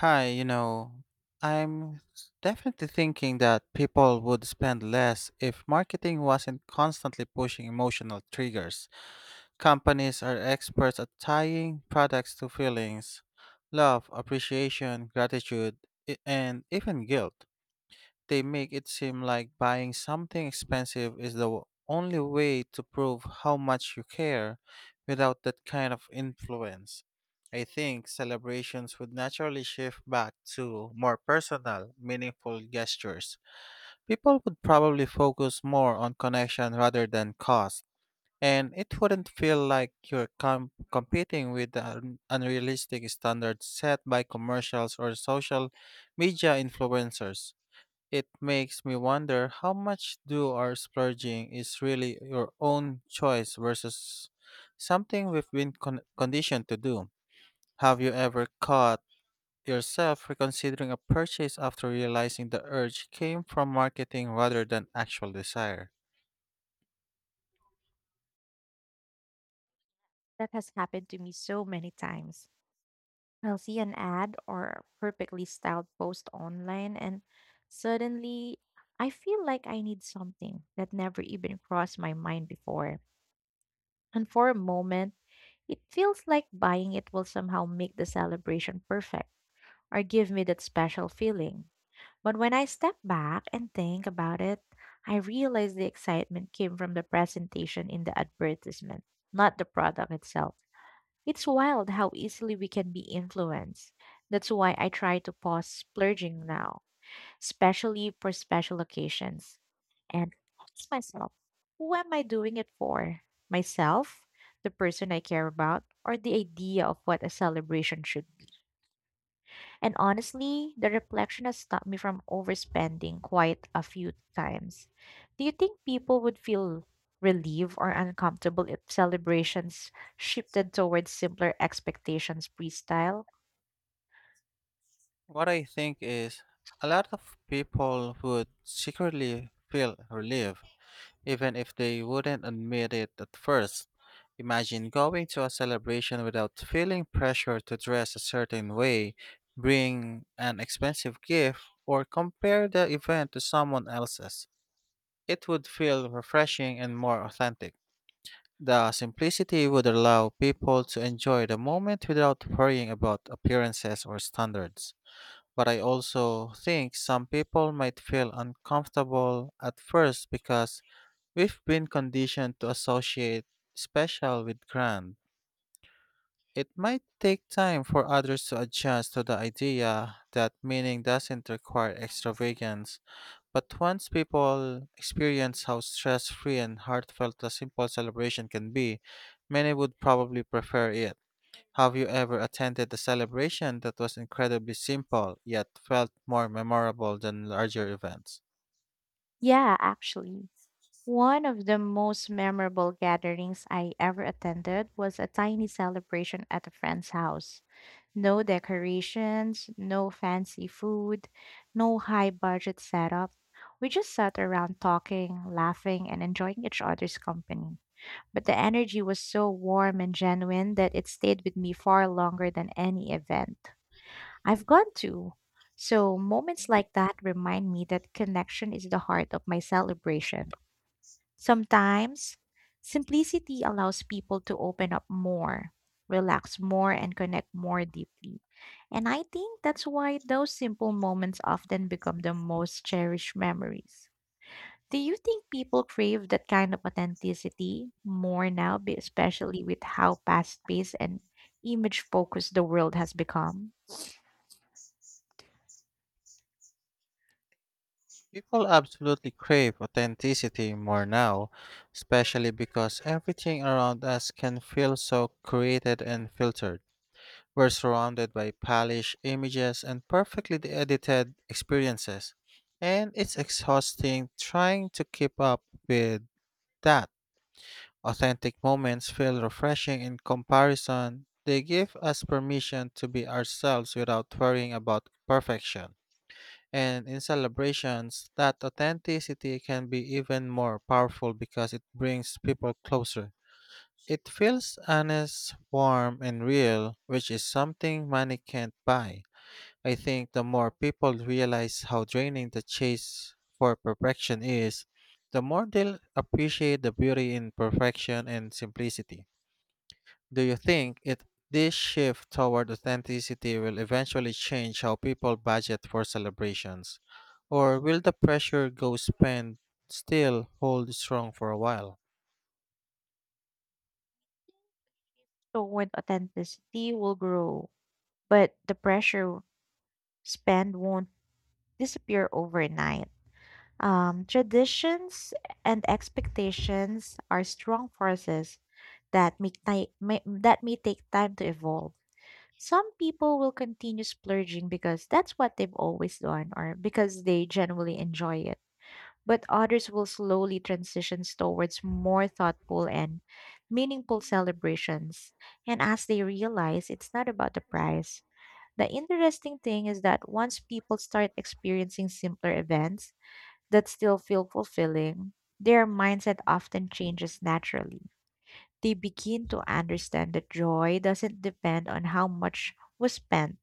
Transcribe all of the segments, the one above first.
Hi, you know, definitely thinking that people would spend less if marketing wasn't constantly pushing emotional triggers. Companies are experts at tying products to feelings, love, appreciation, gratitude, and even guilt. They make it seem like buying something expensive is the only way to prove how much you care without that kind of influence. I think celebrations would naturally shift back to more personal, meaningful gestures. People would probably focus more on connection rather than cost, and it wouldn't feel like competing with the unrealistic standards set by commercials or social media influencers. It makes me wonder how much do our splurging is really your own choice versus something conditioned to do. Have you ever caught yourself reconsidering a purchase after realizing the urge came from marketing rather than actual desire? That has happened to me so many times. I'll see an ad or a perfectly styled post online, and suddenly I feel like I need something that never even crossed my mind before. And for a moment, it feels like buying it will somehow make the celebration perfect or give me that special feeling. But when I step back and think about it, I realize the excitement came from the presentation in the advertisement, not the product itself. It's wild how easily we can be influenced. That's why I try to pause splurging now, especially for special occasions. And ask myself, who am I doing it for? Myself, the person I care about, or the idea of what a celebration should and honestly, the reflection has stopped me from overspending quite a few times. Do you think people would feel relieved or uncomfortable if celebrations shifted towards simpler expectations freestyle? What I think is a lot of people would secretly feel relieved even if they wouldn't admit it at first. Imagine going to a celebration without feeling pressure to dress a certain way, bring an expensive gift, or compare the event to someone else's. It would feel refreshing and more authentic. The simplicity would allow people to enjoy the moment without worrying about appearances or standards. But I also think some people might feel uncomfortable at first because we've been conditioned to associate special with grand. It might take time for others to adjust to the idea that meaning doesn't require extravagance, but once people experience how stress free and heartfelt a simple celebration can be, many would probably prefer it. Have you ever attended a celebration that was incredibly simple yet felt more memorable than larger events? Yeah, actually. One of the most memorable gatherings I ever attended was a tiny celebration at a friend's house. No decorations, no fancy food, no high budget setup. We just sat around talking, laughing, and enjoying each other's company. But the energy was so warm and genuine that it stayed with me far longer than any event I've gone to. So moments like that remind me that connection is the heart of my celebration. Sometimes, simplicity allows people to open up more, relax more, and connect more deeply. And I think that's why those simple moments often become the most cherished memories. Do you think people crave that kind of authenticity more now, especially with how fast paced and image focused the world has become? People absolutely crave authenticity more now, especially because everything around us can feel so created and filtered. We're surrounded by polished images and perfectly edited experiences, and it's exhausting trying to keep up with that. Authentic moments feel refreshing in comparison. They give us permission to be ourselves without worrying about perfection. And in celebrations, that authenticity can be even more powerful because it brings people closer. It feels honest, warm, and real, which is something money can't buy. I think the more people realize how draining the chase for perfection is, the more they'll appreciate the beauty in perfection and simplicity. Do you think it this shift toward authenticity will eventually change how people budget for celebrations? Or will the pressure go spend still hold strong for a while? So, when authenticity will grow, but the pressure spend won't disappear overnight. Traditions and expectations are strong forces that may take time to evolve. Some people will continue splurging because that's what they've always done or because they genuinely enjoy it. But others will slowly transition towards more thoughtful and meaningful celebrations. And as they realize it's not about the price. The interesting thing is that once people start experiencing simpler events, that still feel fulfilling, their mindset often changes naturally. They begin to understand that joy doesn't depend on how much was spent,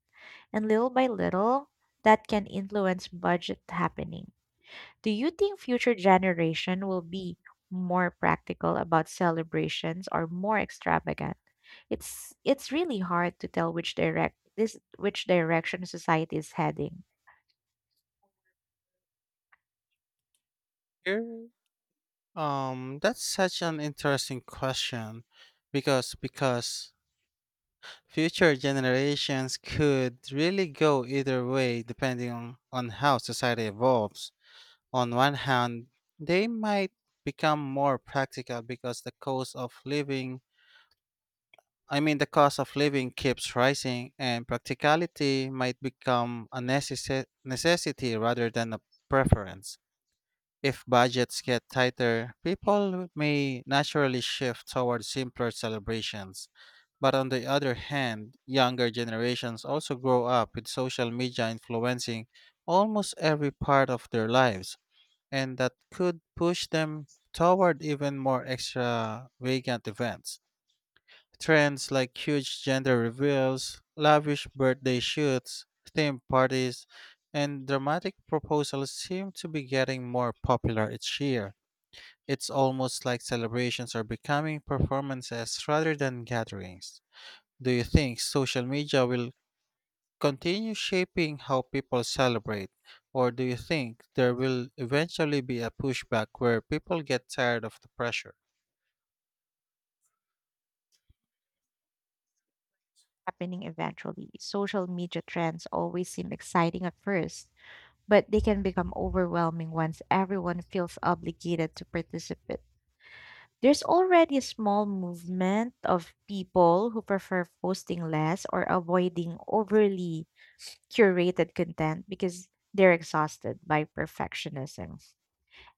and little by little, that can influence budget happening. Do you think future generation will be more practical about celebrations or more extravagant? It's really hard to tell which direction society is heading. Here, that's such an interesting question because future generations could really go either way depending on how society evolves. On one hand, they might become more practical because the cost of living keeps rising, and practicality might become a necessity rather than a preference. If budgets get tighter, people may naturally shift toward simpler celebrations. But on the other hand, younger generations also grow up with social media influencing almost every part of their lives, and that could push them toward even more extravagant events. Trends like huge gender reveals, lavish birthday shoots, theme parties, and dramatic proposals seem to be getting more popular each year. It's almost like celebrations are becoming performances rather than gatherings. Do you think social media will continue shaping how people celebrate? Or do you think there will eventually be a pushback where people get tired of the pressure? Happening eventually. Social media trends always seem exciting at first, but they can become overwhelming once everyone feels obligated to participate. There's already a small movement of people who prefer posting less or avoiding overly curated content because they're exhausted by perfectionism.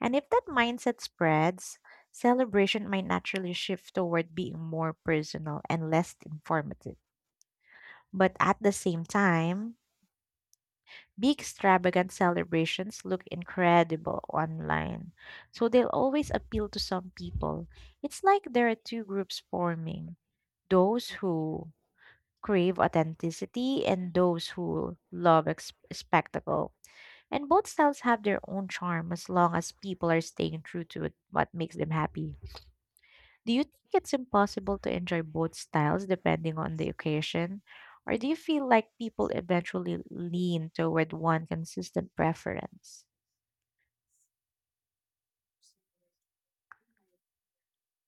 And if that mindset spreads, celebration might naturally shift toward being more personal and less informative. But at the same time, big extravagant celebrations look incredible online, so they'll always appeal to some people. It's like there are two groups forming, those who crave authenticity and those who love spectacle. And both styles have their own charm as long as people are staying true to what makes them happy. Do you think it's impossible to enjoy both styles depending on the occasion? Or do you feel like people eventually lean toward one consistent preference?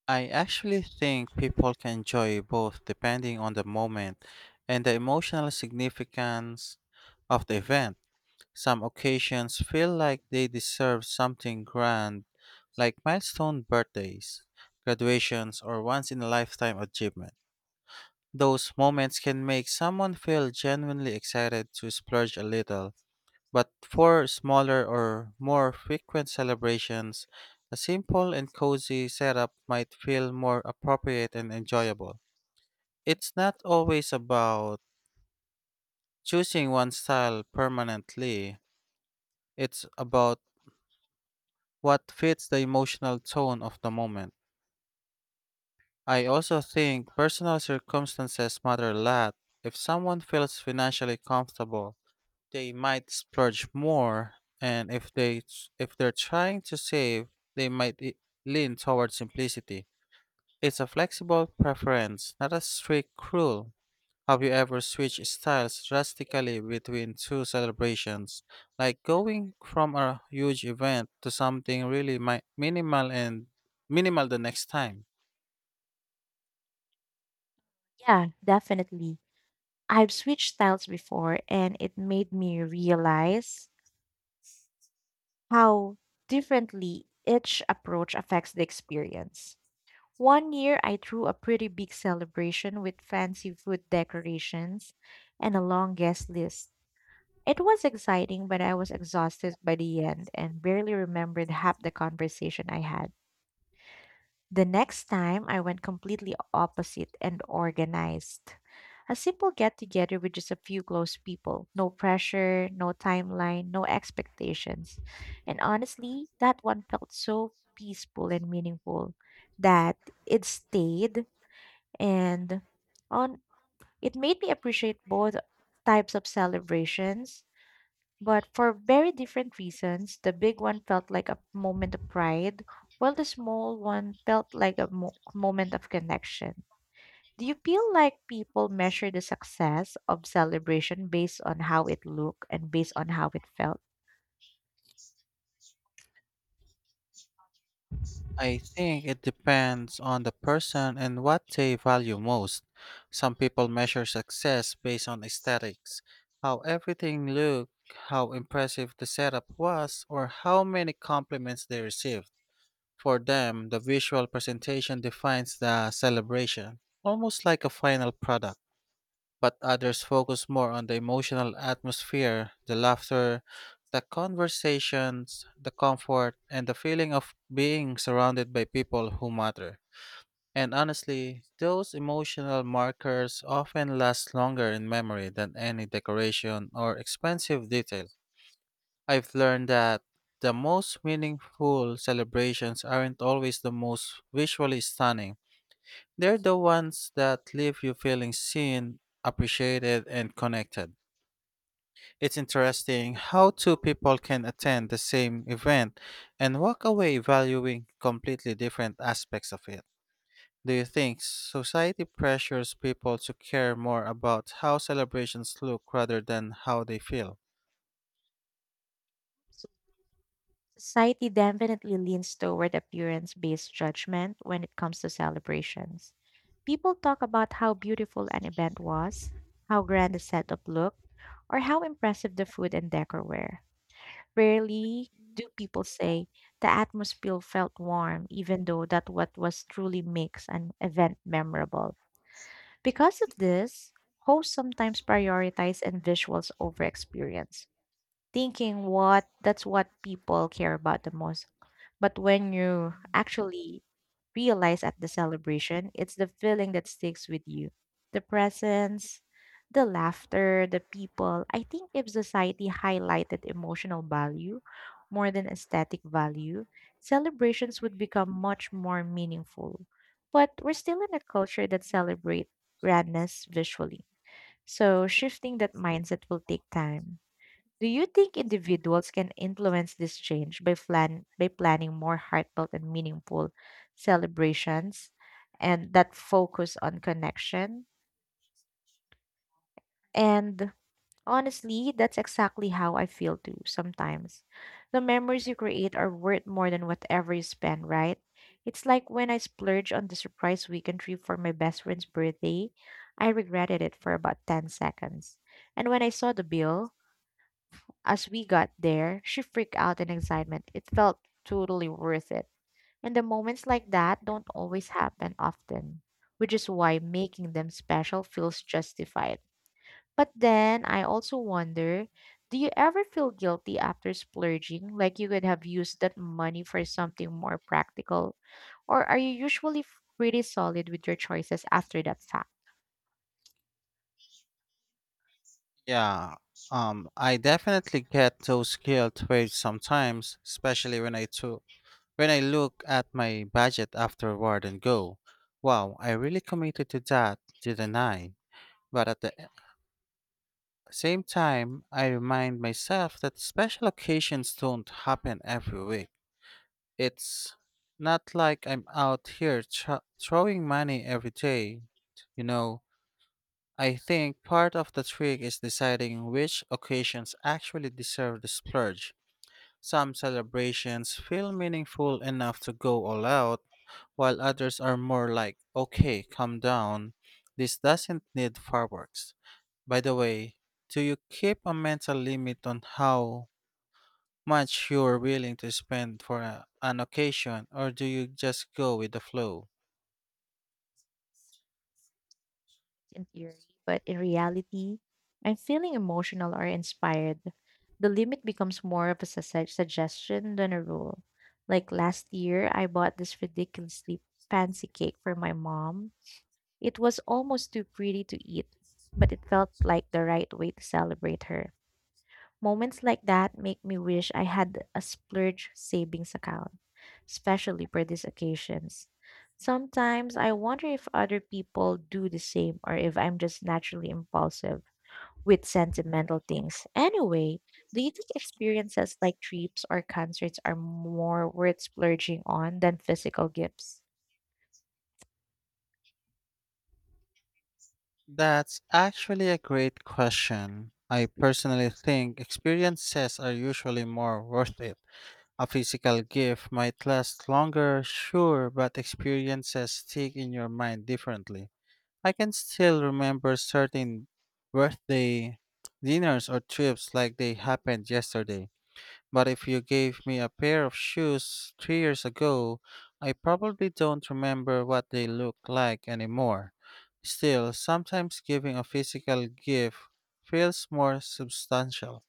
I actually think people can enjoy both depending on the moment and the emotional significance of the event. Some occasions feel like they deserve something grand, like milestone birthdays, graduations, or once in a lifetime achievement. Those moments can make someone feel genuinely excited to splurge a little, but for smaller or more frequent celebrations, a simple and cozy setup might feel more appropriate and enjoyable. It's not always about choosing one style permanently, it's about what fits the emotional tone of the moment. I also think personal circumstances matter a lot. If someone feels financially comfortable, they might splurge more, and if they're trying to save, they might i- lean toward simplicity. It's a flexible preference, not a strict rule. Have you ever switched styles drastically between two celebrations, like going from a huge event to something really minimal the next time? Yeah, definitely. I've switched styles before and it made me realize how differently each approach affects the experience. One year, I threw a pretty big celebration with fancy food decorations and a long guest list. It was exciting, but I was exhausted by the end and barely remembered half the conversation I had. The next time, I went completely opposite and organized. A simple get together with just a few close people. No pressure, no timeline, no expectations. And honestly, that one felt so peaceful and meaningful that it stayed and on it made me appreciate both types of celebrations but for very different reasons, the big one felt like a moment of pride, while the small one felt like a moment of connection. Do you feel like people measure the success of celebration based on how it looked and based on how it felt? I think it depends on the person and what they value most. Some people measure success based on aesthetics, how everything looked, how impressive the setup was, or how many compliments they received. For them, the visual presentation defines the celebration, almost like a final product, but others focus more on the emotional atmosphere, the laughter, the conversations, the comfort, and the feeling of being surrounded by people who matter. And honestly, those emotional markers often last longer in memory than any decoration or expensive detail. I've learned that the most meaningful celebrations aren't always the most visually stunning, they're the ones that leave you feeling seen, appreciated, and connected. It's interesting how two people can attend the same event and walk away valuing completely different aspects of it. Do you think society pressures people to care more about how celebrations look rather than how they feel? So society definitely leans toward appearance based judgment when it comes to celebrations. People talk about how beautiful an event was, how grand the setup looked, or how impressive the food and decor were. Rarely do people say the atmosphere felt warm, even though that what was truly makes an event memorable. Because of this, hosts sometimes prioritize and visuals over experience thinking what that's what people care about the most. But when you actually realize at the celebration, it's the feeling that sticks with you. The presence, the laughter, the people. I think if society highlighted emotional value more than aesthetic value, celebrations would become much more meaningful. But we're still in a culture that celebrates grandness visually. So shifting that mindset will take time. Do you think individuals can influence this change by planning more heartfelt and meaningful celebrations and that focus on connection? And honestly, that's exactly how I feel too sometimes. The memories you create are worth more than whatever you spend, right? It's like when I splurged on the surprise weekend trip for my best friend's birthday, I regretted it for about 10 seconds. And when I saw the bill, as we got there, she freaked out in excitement. It felt totally worth it. And the moments like that don't always happen often, which is why making them special feels justified. But then I also wonder, do you ever feel guilty after splurging, like you could have used that money for something more practical? Or are you usually pretty solid with your choices after that fact? Yeah, I definitely get those guilt waves sometimes, especially when I look at my budget afterward and go, wow, I really committed to that, didn't I? But at the e, same time, I remind myself that special occasions don't happen every week. It's not like I'm out here throwing money every day. You know, I think part of the trick is deciding which occasions actually deserve the splurge. Some celebrations feel meaningful enough to go all out, while others are more like, okay, calm down, this doesn't need fireworks. By the way, do you keep a mental limit on how much you're willing to spend for an occasion, or do you just go with the flow? In theory, but in reality, I'm feeling emotional or inspired. The limit becomes more of a suggestion than a rule. Like last year, I bought this ridiculously fancy cake for my mom. It was almost too pretty to eat, but it felt like the right way to celebrate her. Moments like that make me wish I had a splurge savings account, especially for these occasions. Sometimes I wonder if other people do the same or if I'm just naturally impulsive with sentimental things. Anyway, do you think experiences like trips or concerts are more worth splurging on than physical gifts? That's actually a great question. I personally think experiences are usually more worth it. A physical gift might last longer, sure, but experiences stick in your mind differently. I can still remember certain birthday dinners or trips like they happened yesterday. But if you gave me a pair of shoes 3 years ago, I probably don't remember what they look like anymore. Still, sometimes giving a physical gift feels more substantial.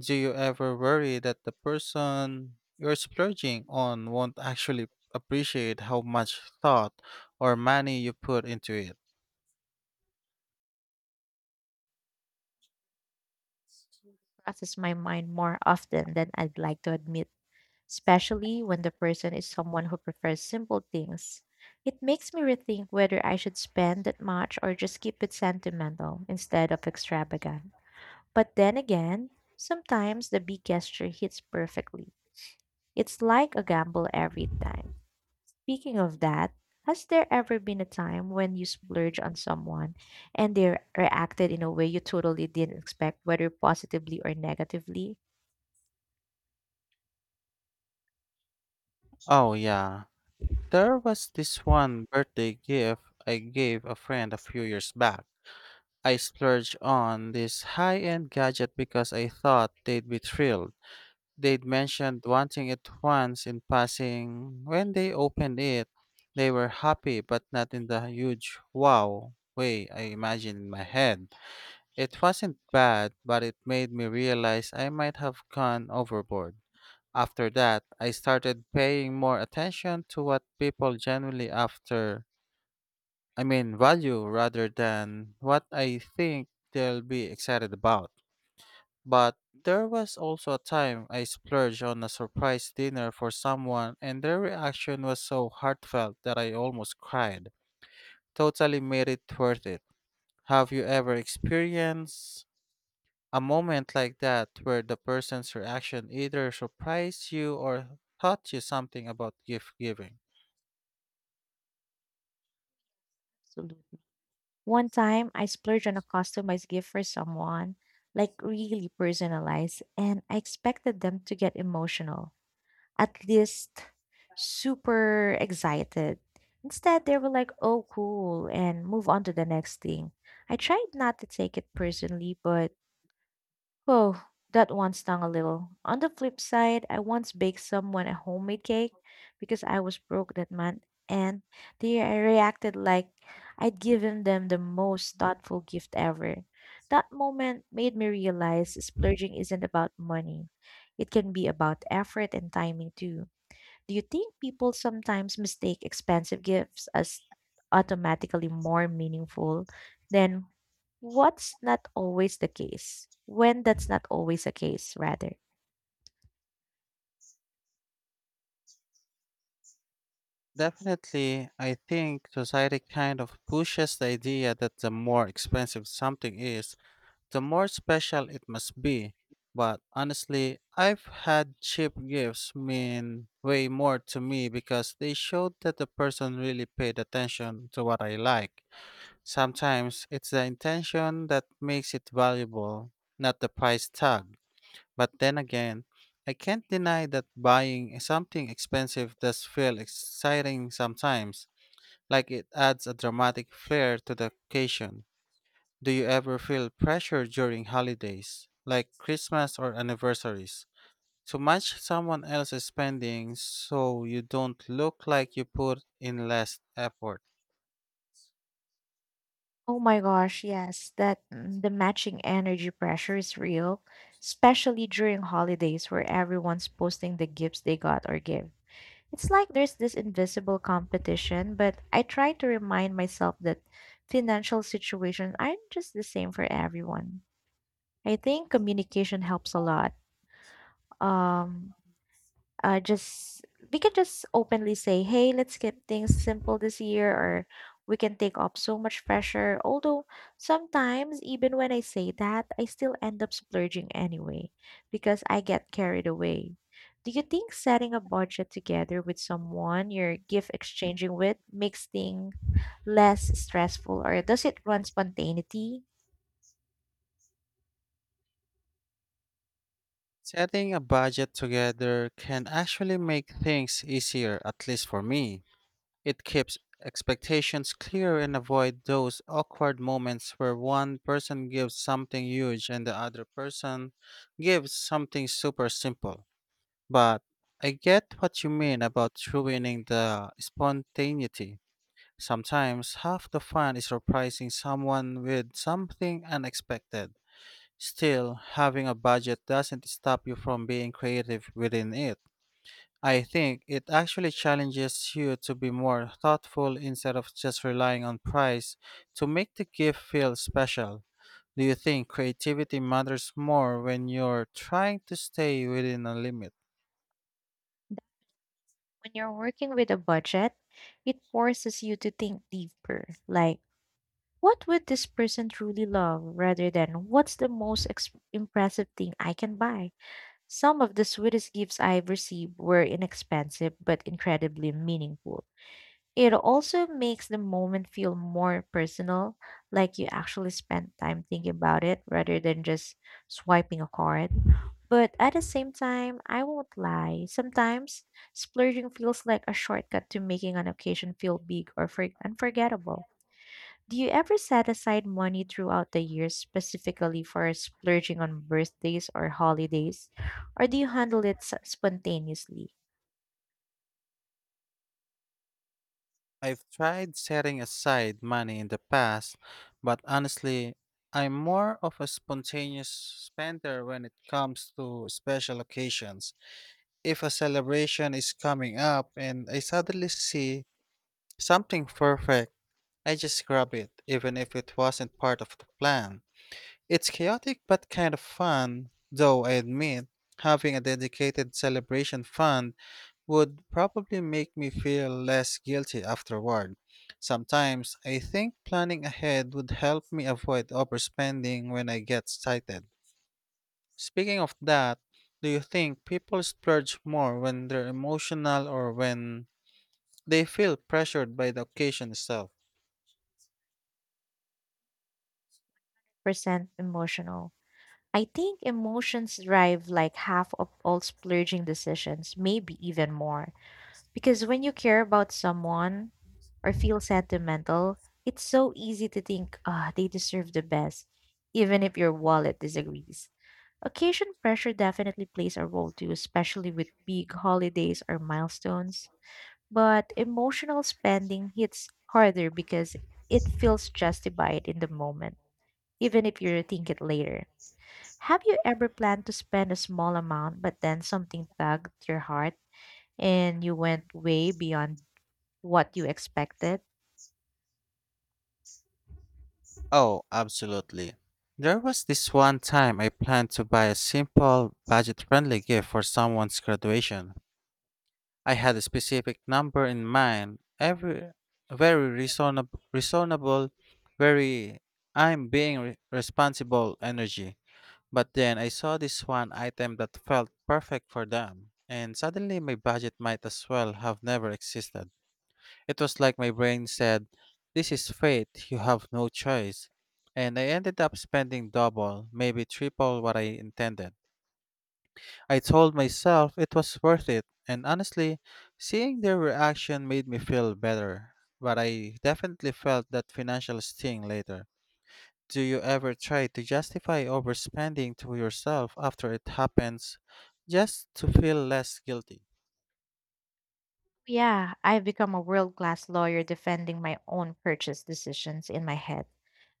Do you ever worry that the person you're splurging on won't actually appreciate how much thought or money you put into it? Crosses my mind more often than I'd like to admit, especially when the person is someone who prefers simple things. It makes me rethink whether I should spend that much or just keep it sentimental instead of extravagant. But then again, sometimes the big gesture hits perfectly. It's like a gamble every time. Speaking of that, has there ever been a time when you splurge on someone and they reacted in a way you totally didn't expect, whether positively or negatively? Oh, yeah. There was this one birthday gift I gave a friend a few years back. I splurged on this high end gadget because I thought they'd be thrilled. They'd mentioned wanting it once in passing. When they opened it, they were happy, but not in the huge wow way I imagined in my head. It wasn't bad, but it made me realize I might have gone overboard. After that, I started paying more attention to what people genuinely after, I mean, value rather than what I think they'll be excited about. But there was also a time I splurged on a surprise dinner for someone, and their reaction was so heartfelt that I almost cried. Totally made it worth it. Have you ever experienced a moment like that where the person's reaction either surprised you or taught you something about gift giving? Absolutely. One time, I splurged on a customized gift for someone, like really personalized, and I expected them to get emotional, at least super excited. Instead, they were like, oh, cool, and move on to the next thing. I tried not to take it personally, but oh, that one stung a little. On the flip side, I once baked someone a homemade cake because I was broke that month, and they reacted like I'd given them the most thoughtful gift ever. That moment made me realize splurging isn't about money, it can be about effort and timing too. Do you think people sometimes mistake expensive gifts as automatically more meaningful than what's not always the case? When that's not always the case, rather. Definitely, I think society kind of pushes the idea that the more expensive something is, the more special it must be. But honestly, I've had cheap gifts mean way more to me because they showed that the person really paid attention to what I like. Sometimes it's the intention that makes it valuable, not the price tag. But then again, I can't deny that buying something expensive does feel exciting sometimes, like it adds a dramatic flair to the occasion. Do you ever feel pressure during holidays, like Christmas or anniversaries, to match someone else's spending so you don't look like you put in less effort? Oh my gosh, yes, the matching energy pressure is real, especially during holidays where everyone's posting the gifts they got or give. It's like there's this invisible competition, but I try to remind myself that financial situations aren't just the same for everyone. I think communication helps a lot. Um, just We can just openly say, "Hey, let's keep things simple this year," or we can take off so much pressure. Although sometimes, even when I say that, I still end up splurging anyway because I get carried away. Do you think setting a budget together with someone you're gift exchanging with makes things less stressful, or does it run spontaneity? Setting a budget together can actually make things easier, at least for me. It keeps expectations clear and avoid those awkward moments where one person gives something huge and the other person gives something super simple. But I get what you mean about ruining the spontaneity. Sometimes half the fun is surprising someone with something unexpected. Still, having a budget doesn't stop you from being creative within it. I think it actually challenges you to be more thoughtful instead of just relying on price to make the gift feel special. Do you think creativity matters more when you're trying to stay within a limit? When you're working with a budget, it forces you to think deeper, like, what would this person truly love rather than what's the most impressive thing I can buy? Some of the sweetest gifts I've received were inexpensive but incredibly meaningful. It also makes the moment feel more personal, like you actually spent time thinking about it rather than just swiping a card. But at the same time, I won't lie. Sometimes splurging feels like a shortcut to making an occasion feel big or unforgettable. Do you ever set aside money throughout the year specifically for splurging on birthdays or holidays? Or do you handle it spontaneously? I've tried setting aside money in the past, but honestly, I'm more of a spontaneous spender when it comes to special occasions. If a celebration is coming up and I suddenly see something perfect, I just grab it, even if it wasn't part of the plan. It's chaotic but kind of fun, though I admit, having a dedicated celebration fund would probably make me feel less guilty afterward. Sometimes I think planning ahead would help me avoid overspending when I get excited. Speaking of that, do you think people splurge more when they're emotional or when they feel pressured by the occasion itself? Percent emotional. I think emotions drive like half of all splurging decisions, maybe even more. Because when you care about someone or feel sentimental, it's so easy to think, ah, they deserve the best, even if your wallet disagrees. Occasion pressure definitely plays a role too, especially with big holidays or milestones. But emotional spending hits harder because it feels justified in the moment, even if you think it later. Have you ever planned to spend a small amount, but then something tugged your heart and you went way beyond what you expected? Oh, absolutely. There was this one time I planned to buy a simple, budget friendly gift for someone's graduation. I had a specific number in mind, every very reasonable, reasonable very I'm being responsible energy. But then I saw this one item that felt perfect for them, and suddenly my budget might as well have never existed. It was like my brain said, this is fate, you have no choice. And I ended up spending double, maybe triple what I intended. I told myself it was worth it, and honestly, seeing their reaction made me feel better. But I definitely felt that financial sting later. Do you ever try to justify overspending to yourself after it happens just to feel less guilty? Yeah, I've become a world class lawyer defending my own purchase decisions in my head.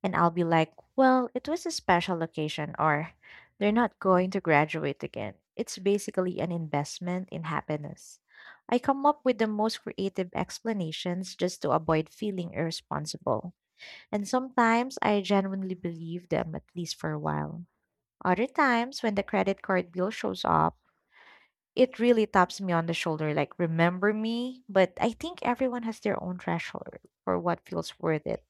And I'll be like, well, it was a special occasion, or they're not going to graduate again. It's basically an investment in happiness. I come up with the most creative explanations just to avoid feeling irresponsible. And sometimes I genuinely believe them, at least for a while. Other times, when the credit card bill shows up, it really taps me on the shoulder, like, remember me? But I think everyone has their own threshold for what feels worth it.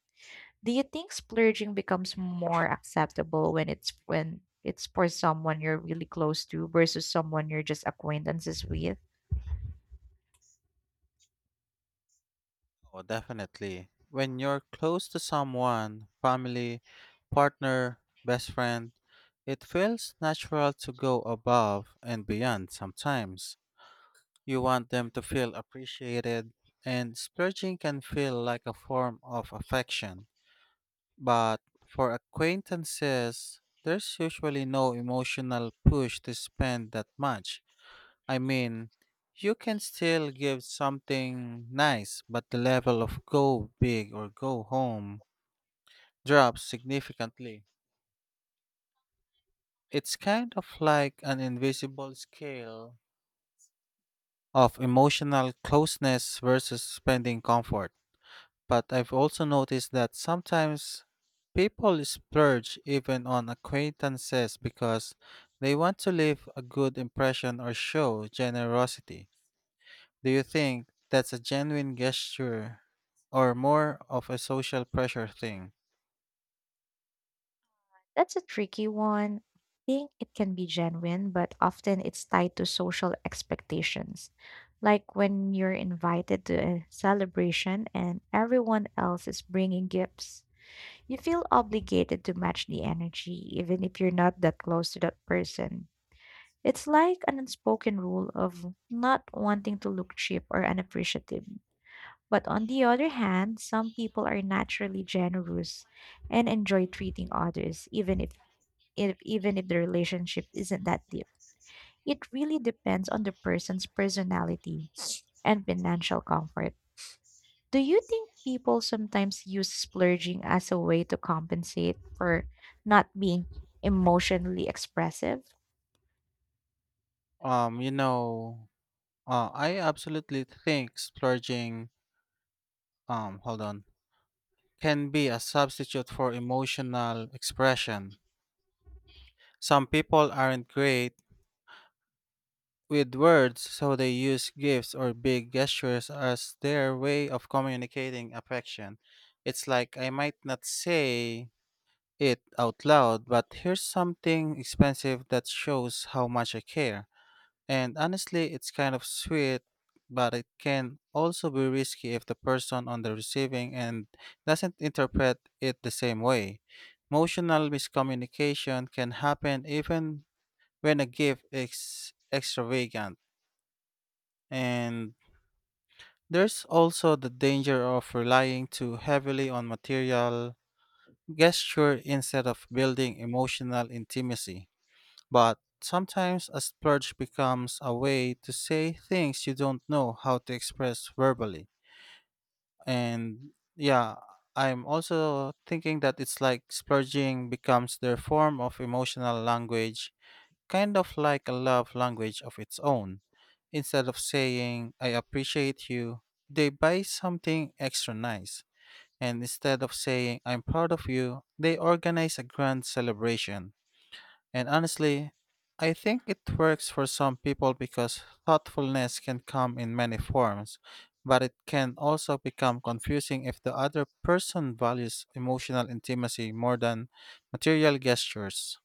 Do you think splurging becomes more acceptable when it's for someone you're really close to versus someone you're just acquaintances with? Oh, definitely. When you're close to someone, family, partner, best friend, it feels natural to go above and beyond sometimes. You want them to feel appreciated, and splurging can feel like a form of affection. But for acquaintances, there's usually no emotional push to spend that much. I mean, you can still give something nice, but the level of go big or go home drops significantly. It's kind of like an invisible scale of emotional closeness versus spending comfort. But I've also noticed that sometimes people splurge even on acquaintances because they want to leave a good impression or show generosity. Do you think that's a genuine gesture or more of a social pressure thing? That's a tricky one. I think it can be genuine, but often it's tied to social expectations. Like when you're invited to a celebration and everyone else is bringing gifts, you feel obligated to match the energy, even if you're not that close to that person. It's like an unspoken rule of not wanting to look cheap or unappreciative. But on the other hand, some people are naturally generous and enjoy treating others, even if the relationship isn't that deep. It really depends on the person's personality and financial comfort. Do you think people sometimes use splurging as a way to compensate for not being emotionally expressive? Um, you know, I absolutely think splurging, um, hold on, can be a substitute for emotional expression. Some people aren't great with words, so they use gifts or big gestures as their way of communicating affection. It's like I might not say it out loud, but here's something expensive that shows how much I care. And honestly, it's kind of sweet, but it can also be risky if the person on the receiving end doesn't interpret it the same way. Emotional miscommunication can happen even when a gift is extravagant, and there's also the danger of relying too heavily on material gesture instead of building emotional intimacy. But sometimes a splurge becomes a way to say things you don't know how to express verbally. And yeah, I'm also thinking that it's like splurging becomes their form of emotional language, kind of like a love language of its own. Instead of saying, I appreciate you, they buy something extra nice. And instead of saying, I'm proud of you, they organize a grand celebration. And honestly, I think it works for some people because thoughtfulness can come in many forms, but it can also become confusing if the other person values emotional intimacy more than material gestures.